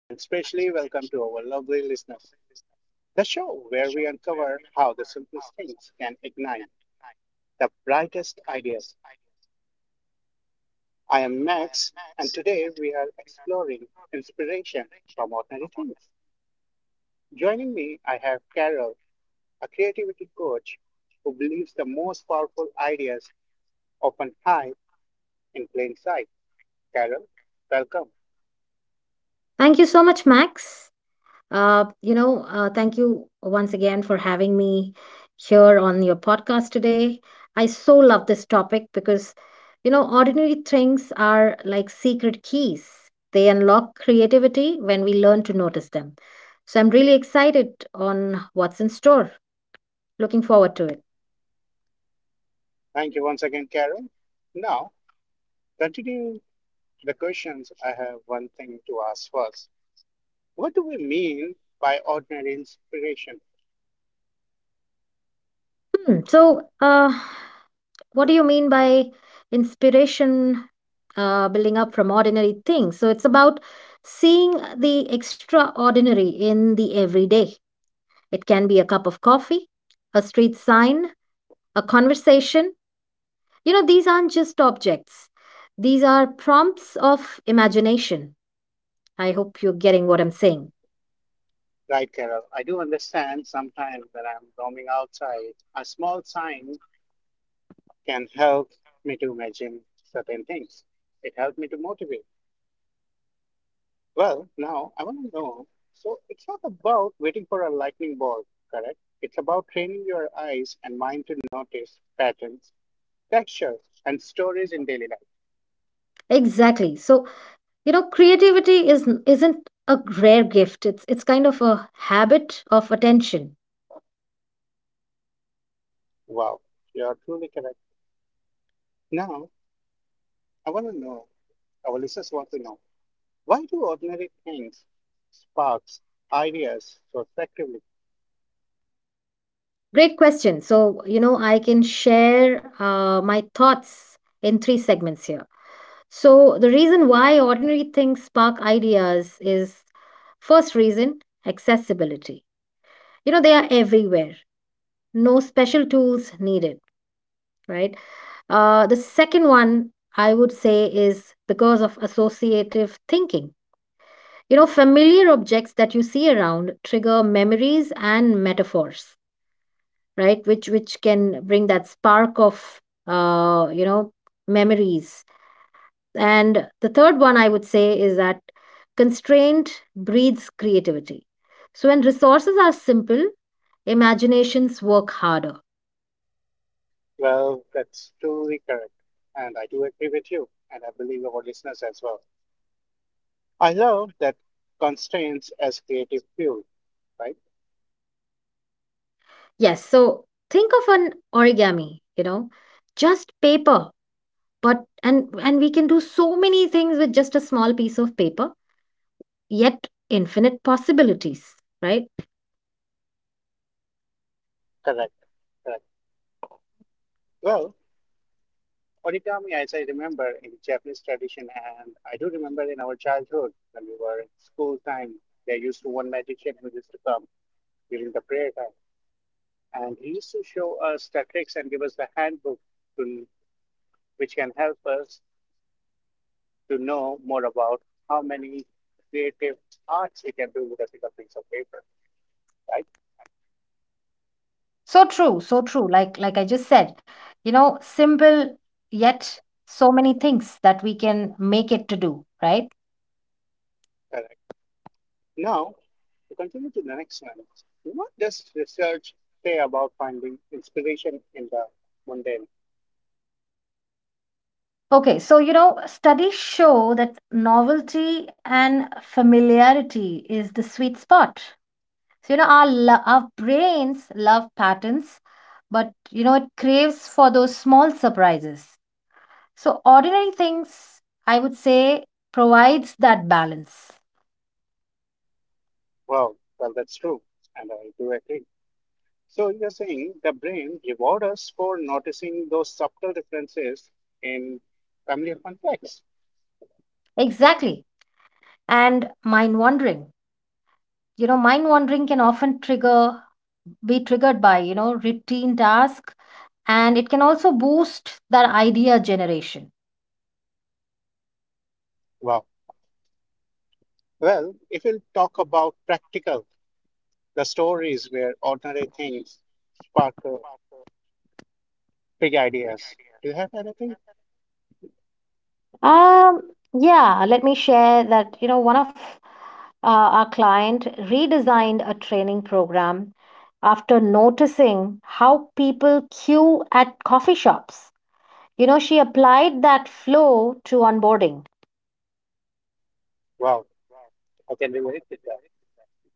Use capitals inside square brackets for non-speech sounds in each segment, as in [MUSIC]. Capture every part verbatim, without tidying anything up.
and especially welcome to our lovely listeners, the show where we uncover how the simplest things can ignite the brightest ideas. I am Max, and today we are exploring inspiration from ordinary things. Joining me, I have Carol, a creativity coach who believes the most powerful ideas often hide in plain sight. Carol, welcome. Thank you so much, Max. Uh, you know, uh, thank you once again for having me here on your podcast today. I so love this topic because, you know, ordinary things are like secret keys. They unlock creativity when we learn to notice them. So I'm really excited on what's in store. Looking forward to it. Thank you once again, Carol. Now, continue the questions, I have one thing to ask first. What do we mean by ordinary inspiration? Hmm. So, uh, What do you mean by inspiration uh, building up from ordinary things? So it's about seeing the extraordinary in the everyday. It can be a cup of coffee, a street sign, a conversation. You know, these aren't just objects, these are prompts of imagination. I hope you're getting what I'm saying. Right, Carol. I do understand sometimes when I'm roaming outside, a small sign can help me to imagine certain things. It helped me to motivate. Well, now I want to know. So it's not about waiting for a lightning bolt, correct? It's about training your eyes and mind to notice patterns, textures, and stories in daily life. Exactly. So, you know, creativity is isn't a rare gift. It's it's kind of a habit of attention. Wow, you're truly correct. Now I want to know. Our listeners want to know, why do ordinary things sparks ideas so effectively? Great question. So, you know, I can share uh, my thoughts in three segments here. So, the reason why ordinary things spark ideas is first reason accessibility. You know, they are everywhere, no special tools needed, right? Uh, the second one I would say is because of associative thinking. You know, familiar objects that you see around trigger memories and metaphors, right? Which which can bring that spark of uh, you know, memories. And the third one I would say is that constraint breeds creativity. So when resources are simple, imaginations work harder. Well, that's truly correct, and I do agree with you, and I believe our listeners as well. I love that constraints as creative fuel, right? Yes, so think of an origami, you know, just paper, but and and we can do so many things with just a small piece of paper yet infinite possibilities, right? Correct. Correct. Well, origami, as I remember in Japanese tradition, and I do remember in our childhood when we were in school time, there used to one magician who used to come during the prayer time. And he used to show us the tricks and give us the handbook, to, which can help us to know more about how many creative arts we can do with a single piece of paper, right? So true, so true. Like like I just said, you know, simple yet so many things that we can make it to do, right? Correct. Now, to continue to the next one, what does research say about finding inspiration in the mundane Okay, so you know studies show that novelty and familiarity is the sweet spot. So you know our lo- our brains love patterns, but you know it craves for those small surprises. So ordinary things, I would say, provides that balance. world? Well, that's true, and I do agree. So you're saying the brain rewards us for noticing those subtle differences in family context. Exactly. And mind wandering. You know, mind wandering can often trigger, be triggered by, you know, routine task, and it can also boost that idea generation. Wow. Well, if we'll talk about practical, the stories where ordinary things spark uh, big ideas. Do you have anything? Um, yeah, let me share that, you know, one of uh, our client redesigned a training program after noticing how people queue at coffee shops. You know, she applied that flow to onboarding. Wow, I can relate with that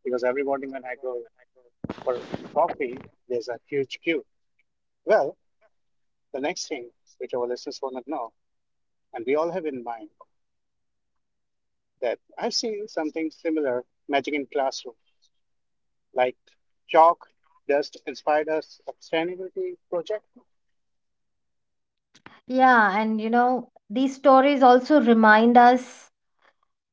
because every morning when I go for coffee, there's a huge queue. Well, the next thing which our listeners want to know, and we all have in mind, that I've seen something similar magic in classroom, like chalk dust inspired us sustainability project. Yeah, and you know, these stories also remind us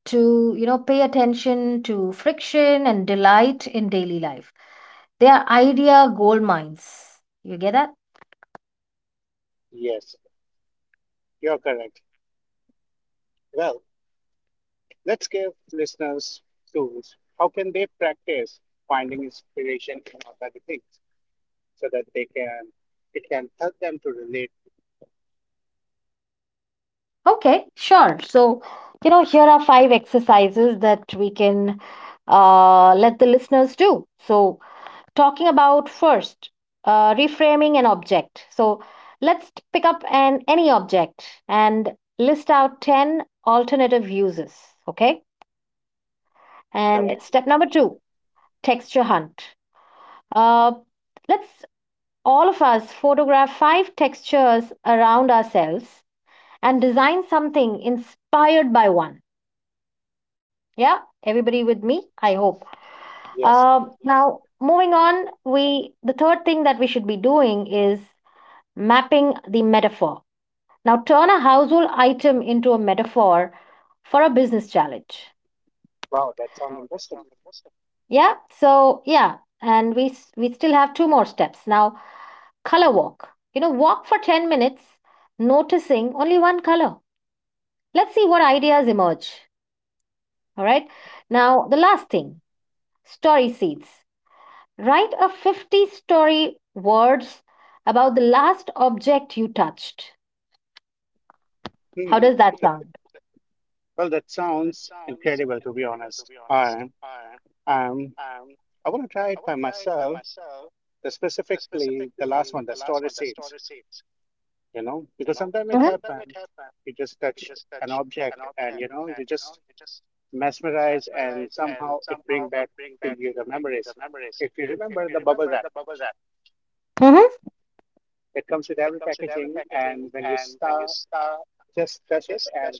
to, you know, pay attention to friction and delight in daily life. They are idea gold mines. You get that? Yes, you're correct. Well, let's give listeners tools. How can they practice finding inspiration in other things so that they can it can help them to relate Okay, sure. So, you know, here are five exercises that we can uh, let the listeners do. So, talking about first, uh, reframing an object. So, let's pick up an any object and list out ten alternative uses. Okay. And correctly? step number two, texture hunt. Uh, let's all of us photograph five textures around ourselves and design something inspired by one. Yeah, everybody with me, I hope. Yes. Um, now, moving on, we the third thing that we should be doing is mapping the metaphor. Now, turn a household item into a metaphor for a business challenge. Wow, that sounds interesting. Yeah, so yeah, and we we still have two more steps. Now color walk. You know, walk for ten minutes, noticing only one color. Let's see what ideas emerge. All right. Now, the last thing, story seeds. Write a fifty story words about the last object you touched. How Hmm. does that sound? Well, that sounds incredible, to be honest. I um I want to try it by myself. The specifically the last one, the storage seeds. You know, because sometimes it Mhm. happens. You just touch an object, and you know, you just mesmerize and somehow it bring back to you the memories. If you remember the bubble wrap, Mm-hmm. it comes with every packaging and when you start just touch it and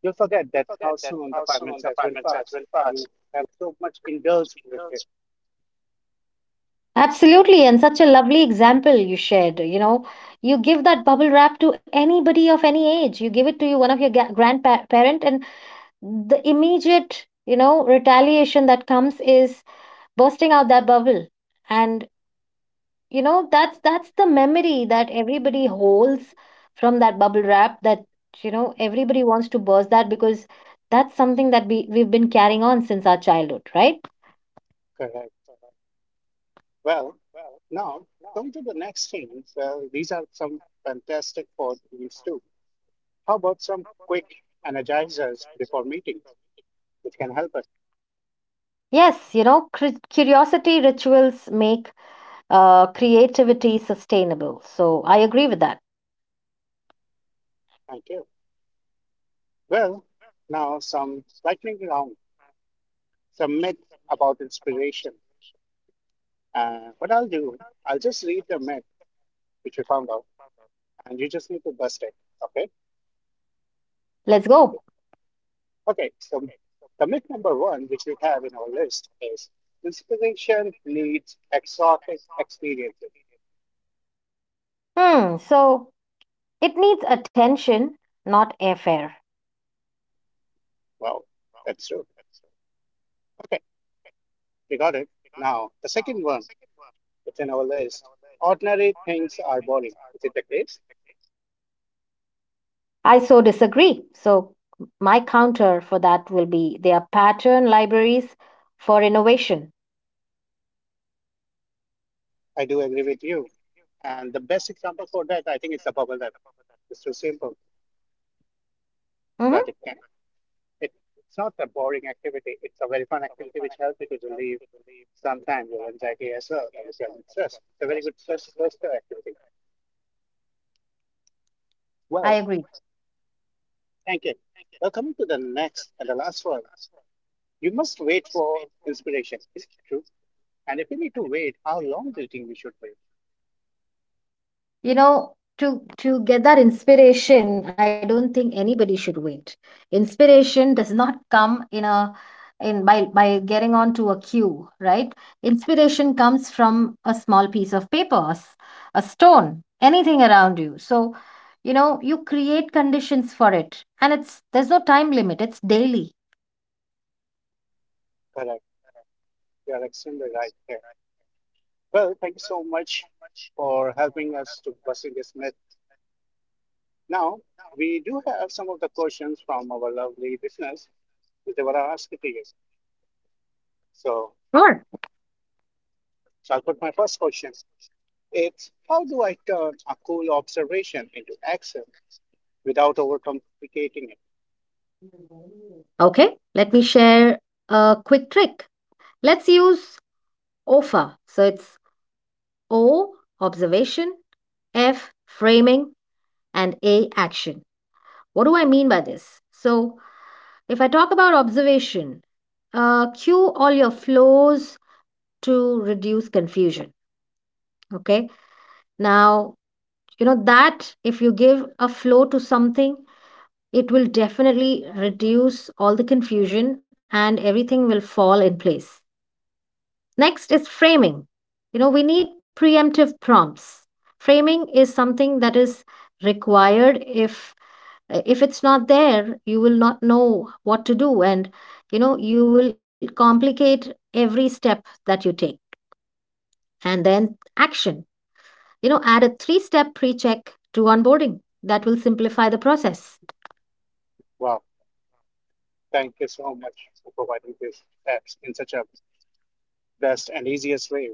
you'll forget that how soon the five minutes has been passed. You have so much indulged with it. Absolutely, and such a lovely example you shared. You know, you give that bubble wrap to anybody of any age. You give it to you one of your ga- grandparent, and the immediate you know retaliation that comes is bursting out that bubble and you know that's that's the memory that everybody holds from that bubble wrap that you know everybody wants to burst that because that's something that we we've been carrying on since our childhood, right? Correct. Well, now come to the next thing. Well, these are some fantastic for meals too. How about some quick energizers before meetings, which can help us? Yes, you know cur- curiosity rituals make uh, creativity sustainable, so I agree with that. Thank you. Well, now some lightning round, some myth about inspiration. Uh, what I'll do, I'll just read the myth which you found out, and you just need to bust it. Okay? Let's go. Okay. So the myth number one, which we have in our list, is inspiration needs exotic experiences. Hmm, so it needs attention, not airfare. Wow, that's true. Okay, we got it. Now the second one, it's in our list. Ordinary things are boring. Is it the case? I so disagree. So, my counter for that will be they are pattern libraries for innovation. I do agree with you. And the best example for that, I think, is the bubble wrap. It's too simple, Hmm. but it can. it, it's not a boring activity. It's a very fun activity which helps you to relieve sometimes your anxiety as well and if you're in stress. It's a very good stress buster activity. I Well, agree. thank you. Well, coming to the next and the last one, you must wait for inspiration. Is it true? And if you need to wait, how long do you think we should wait? You know, to to get that inspiration, I don't think anybody should wait. Inspiration does not come in a in by by getting onto a queue, right? Inspiration comes from a small piece of paper, a s- a stone, anything around you. So, you know, you create conditions for it, and it's there's no time limit. It's daily. Correct. You are extremely right there. Well, thank you so much for helping us to busting this myth. Now, we do have some of the questions from our lovely listeners which they were asking to you. So Sure. So I'll put my first question. It's how do I turn a cool observation into action without overcomplicating it? Okay, let me share a quick trick. Let's use O F A. So it's O, observation, F, framing, and A, action. What do I mean by this? So if I talk about observation, uh, cue all your flows to reduce confusion. Okay, now, you know that if you give a flow to something, it will definitely reduce all the confusion and everything will fall in place. Next is framing. You know, we need preemptive prompts. Framing is something that is required. If if it's not there, you will not know what to do, and you know, you will complicate every step that you take. And then action. You know, add a three-step pre-check to onboarding. That will simplify the process. Wow, thank you so much for providing these steps in such a best and easiest way.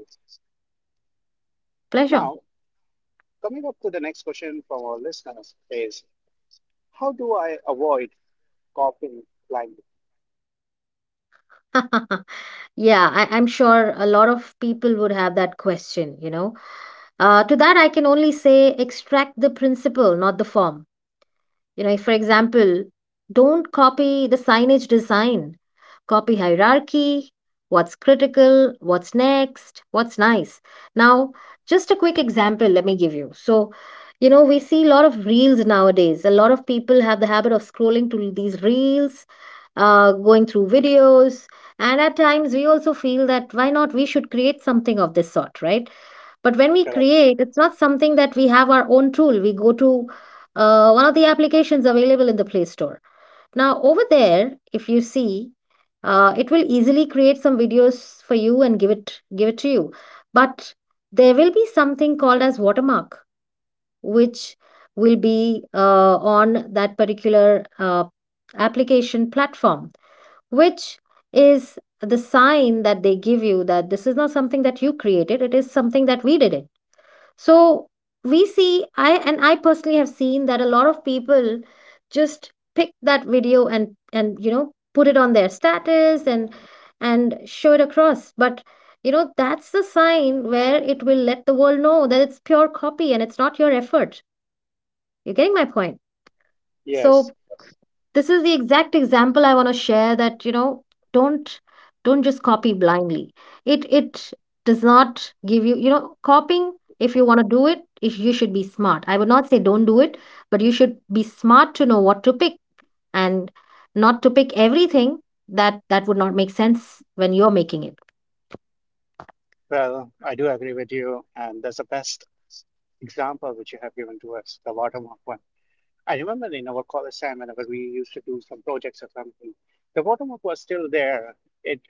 Pleasure. Now, coming up to the next question from our listeners is, how do I avoid copying blindly? [LAUGHS] Yeah, I, I'm sure a lot of people would have that question, you know. Uh, to that, I can only say extract the principle, not the form. You know, if, for example, don't copy the signage design, copy hierarchy, what's critical, what's next, what's nice. Now, just a quick example, let me give you. So, you know, we see a lot of reels nowadays. A lot of people have the habit of scrolling to these reels, uh, going through videos. And at times, we also feel that why not we should create something of this sort, right? But when we Correct. create, it's not something that we have our own tool. We go to uh, one of the applications available in the Play Store. Now, over there, if you see, uh, it will easily create some videos for you and give it give it to you. But there will be something called as watermark, which will be uh, on that particular uh, application platform, which is the sign that they give you that this is not something that you created. It is something that we did it. So we see I and I personally have seen that a lot of people just pick that video and and you know put it on their status and and show it across. But you know that's the sign where it will let the world know that it's pure copy and it's not your effort. You're getting my point? So Yes. this is the exact example I want to share that, you know, don't don't just copy blindly. It it does not give you, you know, copying if you want to do it, if you should be smart. I would not say don't do it, but you should be smart to know what to pick and not to pick everything that that would not make sense when you're making it. Well, I do agree with you, and that's the best example which you have given to us, the watermark one. I remember in our college time, whenever we used to do some projects or something, the watermark was still there. It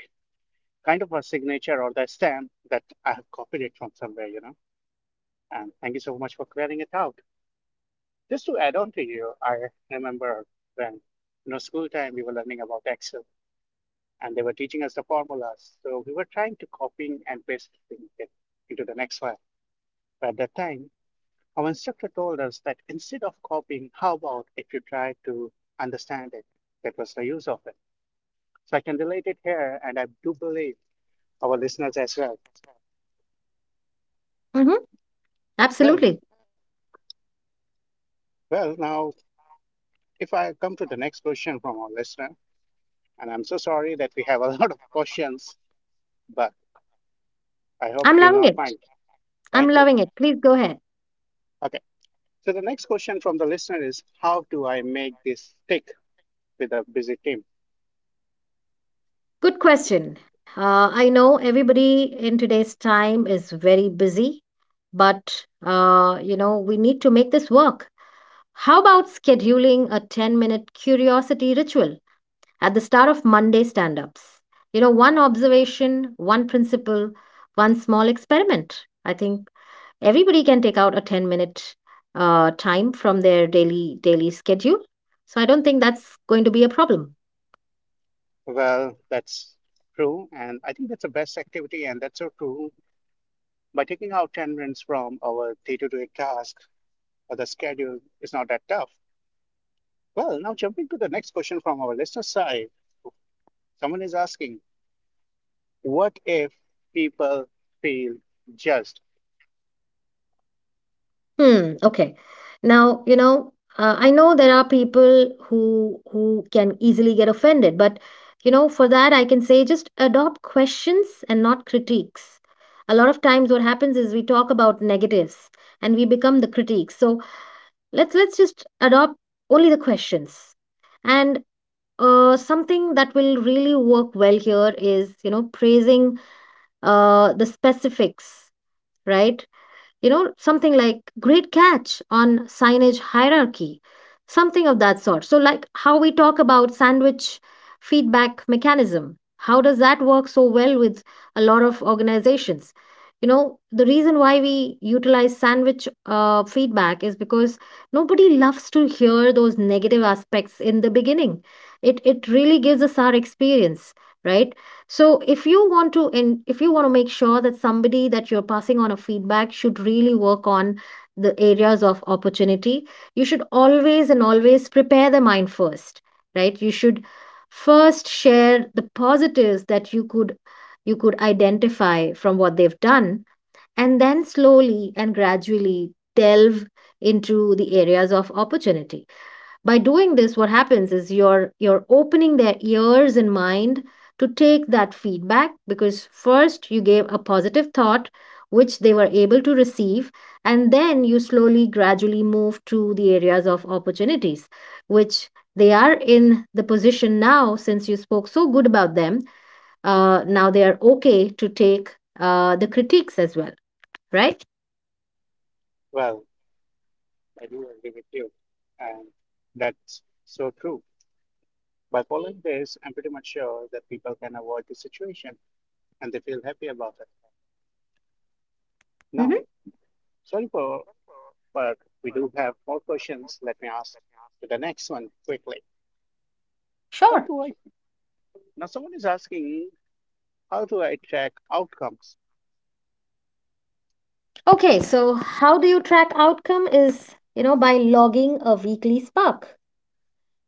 kind of a signature or the stamp that I have copied it from somewhere, you know. And thank you so much for clearing it out. Just to add on to you, I remember when, you know, school time we were learning about Excel and they were teaching us the formulas. So we were trying to copy and paste it into the next file. At that time, our instructor told us that instead of copying, how about if you try to understand it? That was the use of it. So I can relate it here, and I do believe our listeners as well. Hmm. Well, Absolutely. well, now if I come to the next question from our listener, and I'm so sorry that we have a [LAUGHS] lot of questions, but I hope I'm you'll loving not it. mind. I'm Thank you. loving it. Please go ahead. Okay. So the next question from the listener is, how do I make this stick with a busy team? Good question. Uh, I know everybody in today's time is very busy. But, uh, you know, we need to make this work. How about scheduling a ten minute curiosity ritual at the start of Monday stand ups? You know, one observation, one principle, one small experiment. I think everybody can take out a ten minute uh, time from their daily daily schedule, so I don't think that's going to be a problem. Well, that's true, and I think that's the best activity, and that's so true. By taking out ten minutes from our day to day task, uh, the schedule is not that tough. Well, now jumping to the next question from our listener side, someone is asking, what if people feel judged? Hmm. Okay. Now, you know, uh, I know there are people who who can easily get offended, but you know, for that I can say just adopt questions and not critiques. A lot of times what happens is we talk about negatives and we become the critiques. So let's let's just adopt only the questions. And uh, something that will really work well here is, you know, praising uh, the specifics, right? You know, something like great catch on signage hierarchy, something of that sort. So, like how we talk about sandwich feedback mechanism, how does that work so well with a lot of organizations? You know, the reason why we utilize sandwich uh, feedback is because nobody loves to hear those negative aspects in the beginning. It, it really gives us our experience, right? So if you want to in if you want to make sure that somebody that you're passing on a feedback should really work on the areas of opportunity, you should always and always prepare the mind first, right? You should first share the positives that you could you could identify from what they've done, and then slowly and gradually delve into the areas of opportunity. By doing this, what happens is you're you're opening their ears and mind to take that feedback, because first you gave a positive thought which they were able to receive, and then you slowly gradually move to the areas of opportunities which they are in the position now since you spoke so good about them. Uh, now they are okay to take uh, the critiques as well, right? Well, I do agree with you, and that's so true. By following this, I'm pretty much sure that people can avoid the situation and they feel happy about it. Hmm. Now, sorry for, but we do have more questions. Let me ask to the next one quickly. How Sure. do I? Now, someone is asking, how do I track outcomes? Okay, so how do you track outcome is, you know, by logging a weekly spark.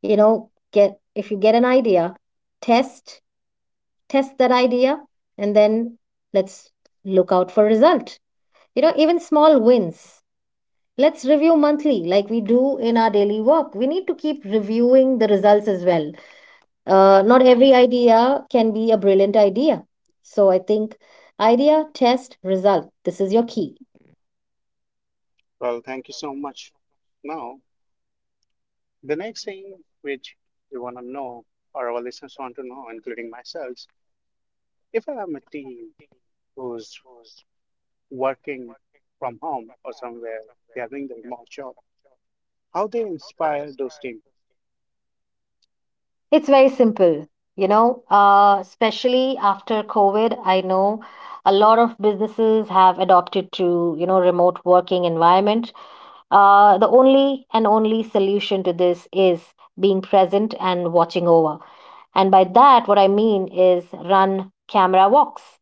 You know, get if you get an idea, test test that idea, and then let's look out for result. You know, even small wins. Let's review monthly like we do in our daily work. We need to keep reviewing the results as well. Uh, not every idea can be a brilliant idea. So I think idea, test, result. This is your key. Well, thank you so much. Now, the next thing which we want to know, or our listeners want to know, including myself, if I am a team who's working from home or somewhere, they are doing the remote job, how they inspire those teams? It's very simple, you know, uh, especially after COVID. I know a lot of businesses have adopted to, you know, remote working environment. Uh, the only and only solution to this is being present and watching over. And by that, what I mean is run camera walks.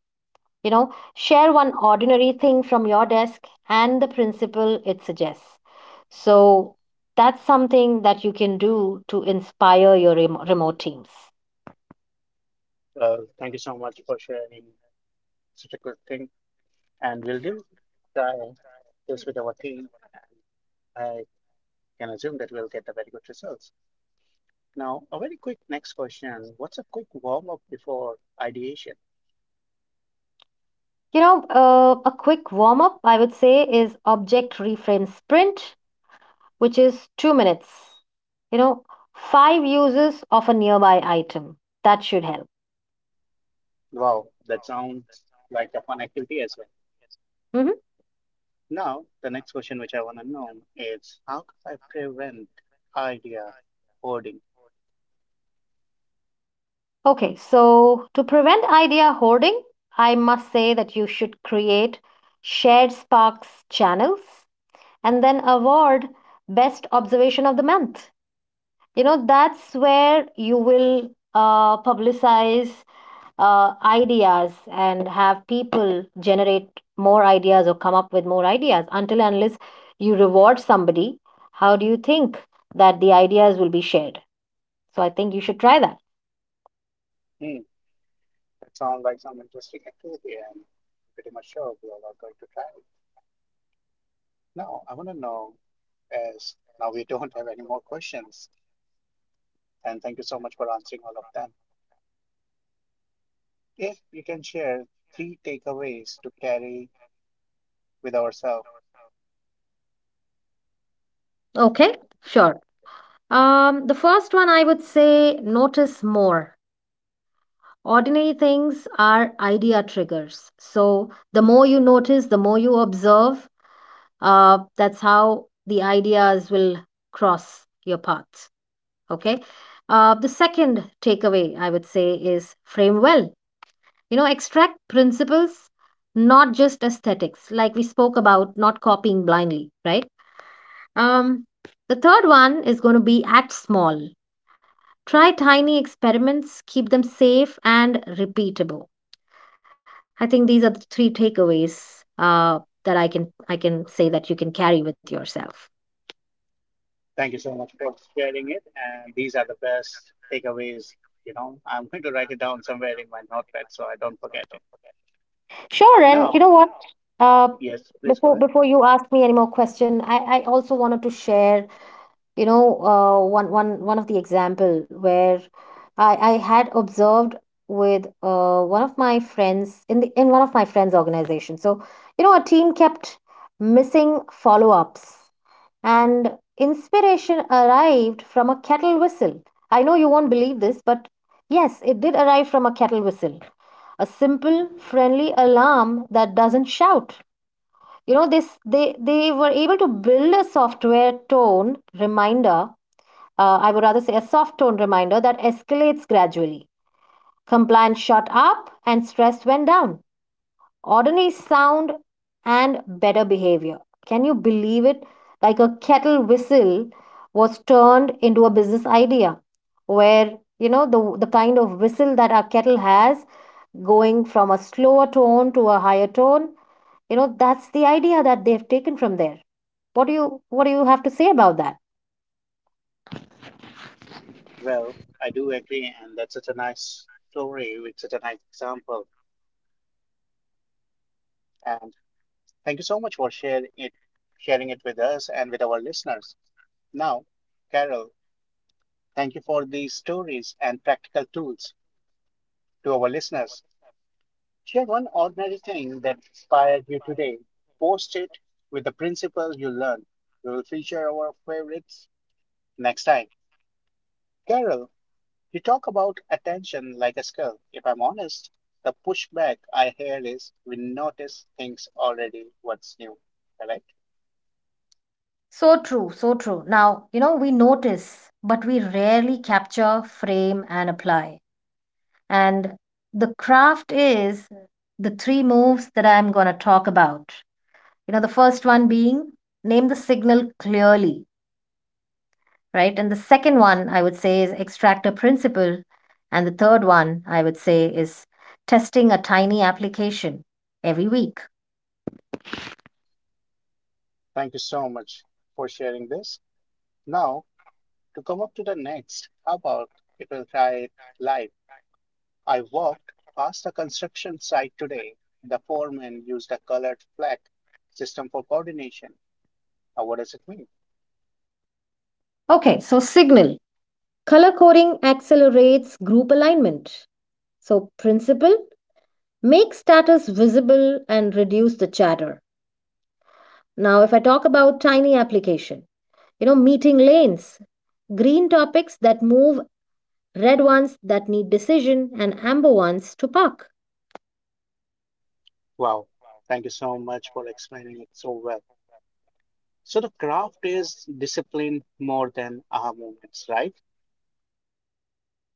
You know, share one ordinary thing from your desk and the principle it suggests. So that's something that you can do to inspire your remo- remote teams. Well, thank you so much for sharing such a good thing, and we'll do try this with our team. I can assume that we'll get a very good results. Now, a very quick next question. What's a quick warm up before ideation? You know, uh, a quick warm up, I would say, is object reframe sprint, which is two minutes. You know, five uses of a nearby item. That should help. Wow, that sounds like a fun activity as well. Hmm. Now, the next question which I want to know is, how could I prevent idea hoarding? Okay, so to prevent idea hoarding, I must say that you should create shared Sparks channels and then award best observation of the month. You know, that's where you will uh, publicize uh, ideas and have people generate more ideas or come up with more ideas. Until and unless you reward somebody, how do you think that the ideas will be shared? So I think you should try that. Hmm, that sounds like some interesting activity, and pretty much sure we all are going to try it. Now, I want to know as now we [LAUGHS] don't have any more questions, and thank you so much for answering all of them. If you can share three takeaways to carry with ourselves. Okay. Sure. Um, the first one I would say, notice more. Ordinary things are idea triggers, so the more you notice, the more you observe, uh, that's how the ideas will cross your path. Okay. Uh, the second takeaway I would say is frame well. You know, extract principles, not just aesthetics, like we spoke about, not copying blindly, right? Um, the third one is going to be act small. Try tiny experiments, keep them safe and repeatable. I think these are the three takeaways uh, that I can I can say that you can carry with yourself. Thank you so much for sharing it. And these are the best takeaways. You know, I'm going to write it down somewhere in my notepad so I don't forget it. Sure, and you Now, know what? Uh, yes, please go before ahead. before you ask me any more question, I, I also wanted to share, you know, uh, one one one of the example where I, I had observed with uh, one of my friends in the in one of my friends' organization. So, you know, a team kept missing follow-ups, and inspiration arrived from a kettle whistle. I know you won't believe this, but yes, it did arrive from a kettle whistle, a simple, friendly alarm that doesn't shout. You know, this, they they were able to build a software tone reminder, uh, I would rather say a soft tone reminder that escalates gradually. Compliance shot up and stress went down. Ordinary sound and better behavior, can you believe it? Like a kettle whistle was turned into a business idea, where, you know, the the kind of whistle that our kettle has, going from a slower tone to a higher tone, you know, that's the idea that they have taken from there. What do you what do you have to say about that? Well, I do agree. And that's such a nice story with such a nice example. And thank you so much for sharing it, sharing it with us and with our listeners. Now, Carol, thank you for these stories and practical tools to our listeners. Share one ordinary thing that inspired you today. Post it with the principles you learned. We will feature our favorites next time. Carol, you talk about attention like a skill. If I'm honest, the pushback I hear is we notice things already, what's new. Correct? So true, so true. Now, you know, we notice, but we rarely capture, frame, and apply. And the craft is the three moves that I'm going to talk about. You know, the first one being name the signal clearly, right? And the second one, I would say, is extract a principle. And the third one, I would say, is testing a tiny application every week. Thank you so much for sharing this. Now, to come up to the next, how about if we'll try it live? I walked past a construction site today. The foreman used a colored flag system for coordination. Now, what does it mean? Okay, so signal. Color coding accelerates group alignment. So, principle, make status visible and reduce the chatter. Now, if I talk about tiny application, you know, meeting lanes, green topics that move, red ones that need decision, and amber ones to park. Wow. Thank you so much for explaining it so well. So the craft is disciplined more than aha moments, right?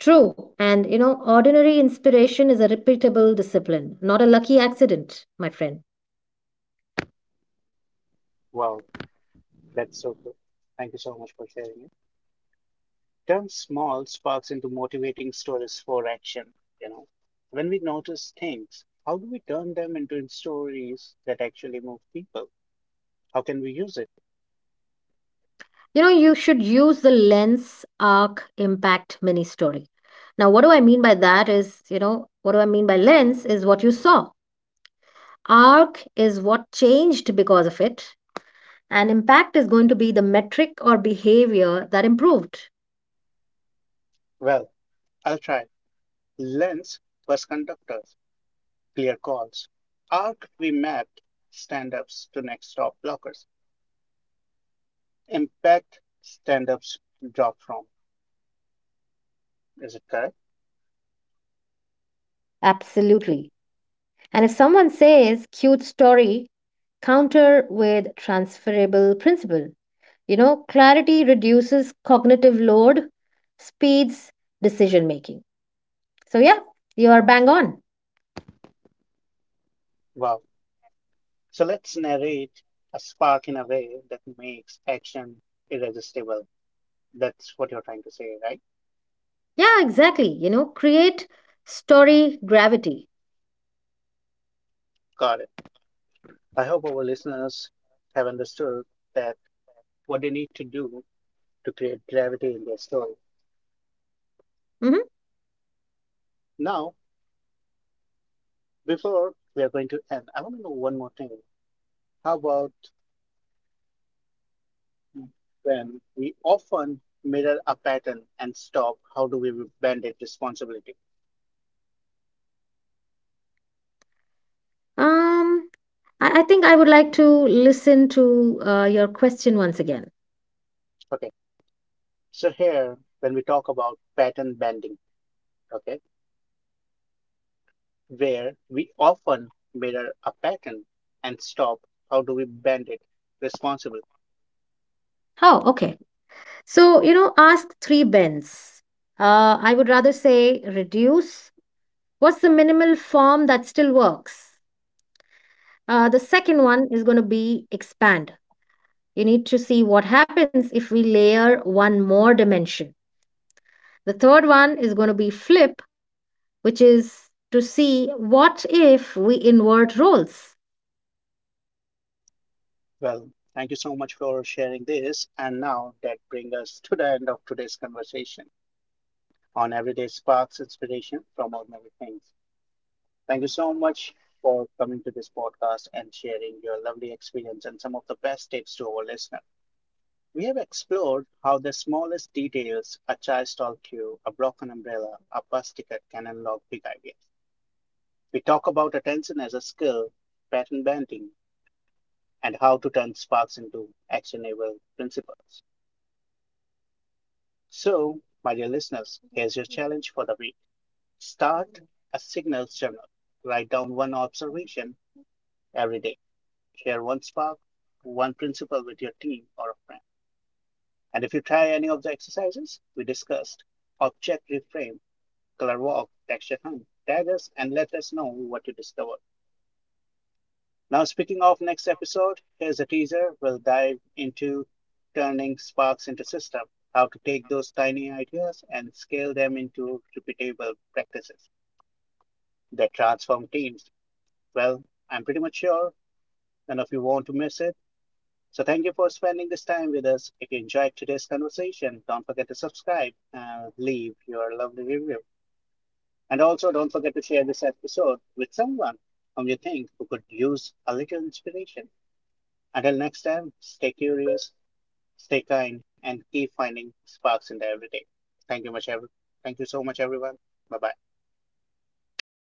True. And, you know, ordinary inspiration is a repeatable discipline, not a lucky accident, my friend. Wow, that's so cool. Thank you so much for sharing it. Turn small sparks into motivating stories for action, you know. When we notice things, how do we turn them into stories that actually move people? How can we use it? You know, you should use the lens arc impact mini story. Now what do I mean by that is, you know, what do I mean by lens is what you saw, arc is what changed because of it, and impact is going to be the metric or behavior that improved. Well, I'll try. Lenz was conductors clear calls. Arc remapped stand-ups to next stop blockers. Impact stand-ups dropped from. Is it correct? Absolutely. And if someone says cute story, counter with transferable principle. You know, clarity reduces cognitive load, speeds decision making. So yeah, you are bang on. Wow. So let's narrate a spark in a way that makes action irresistible. That's what you're trying to say, right? Yeah, exactly. You know, create story gravity. Got it. I hope our listeners have understood that what they need to do to create gravity in their story. Mhm. Now, before we are going to end, I want to know one more thing. How about, when we often mirror a pattern and stop, how do we bend it responsibility? Um, I, I think I would like to listen to uh, your question once again. Okay. So here, when we talk about pattern bending, okay, where we often mirror a pattern and stop, how do we bend it responsible? Oh, okay. So, you know, ask three bends. Uh, I would rather say reduce. What's the minimal form that still works? Uh, the second one is going to be expand. You need to see what happens if we layer one more dimension. The third one is going to be flip, which is to see what if we invert roles. Well, thank you so much for sharing this. And now that brings us to the end of today's conversation on everyday sparks inspiration from ordinary things. Thank you so much for coming to this podcast and sharing your lovely experience and some of the best tips to our listener. We have explored how the smallest details, a child's talk to you, a broken umbrella, a bus ticket can unlock big ideas. We talk about attention as a skill, pattern bending, and how to turn sparks into actionable principles. So, my dear listeners, here's your challenge for the week. Start a signals journal. Write down one observation every day. Share one spark, one principle with your team or a friend. And if you try any of the exercises we discussed, object reframe, color walk, texture hunt, tag us and let us know what you discovered. Now, speaking of next episode, here's a teaser. We'll dive into turning sparks into system, how to take those tiny ideas and scale them into repeatable practices that transform teams. Well, I'm pretty much sure none of you want to miss it. So thank you for spending this time with us. If you enjoyed today's conversation, don't forget to subscribe and leave your lovely review. And also don't forget to share this episode with someone whom you think who could use a little inspiration. Until next time, stay curious, stay kind, and keep finding sparks in the everyday. Thank you much, everyone. Thank you so much, everyone. Bye bye. Thank you.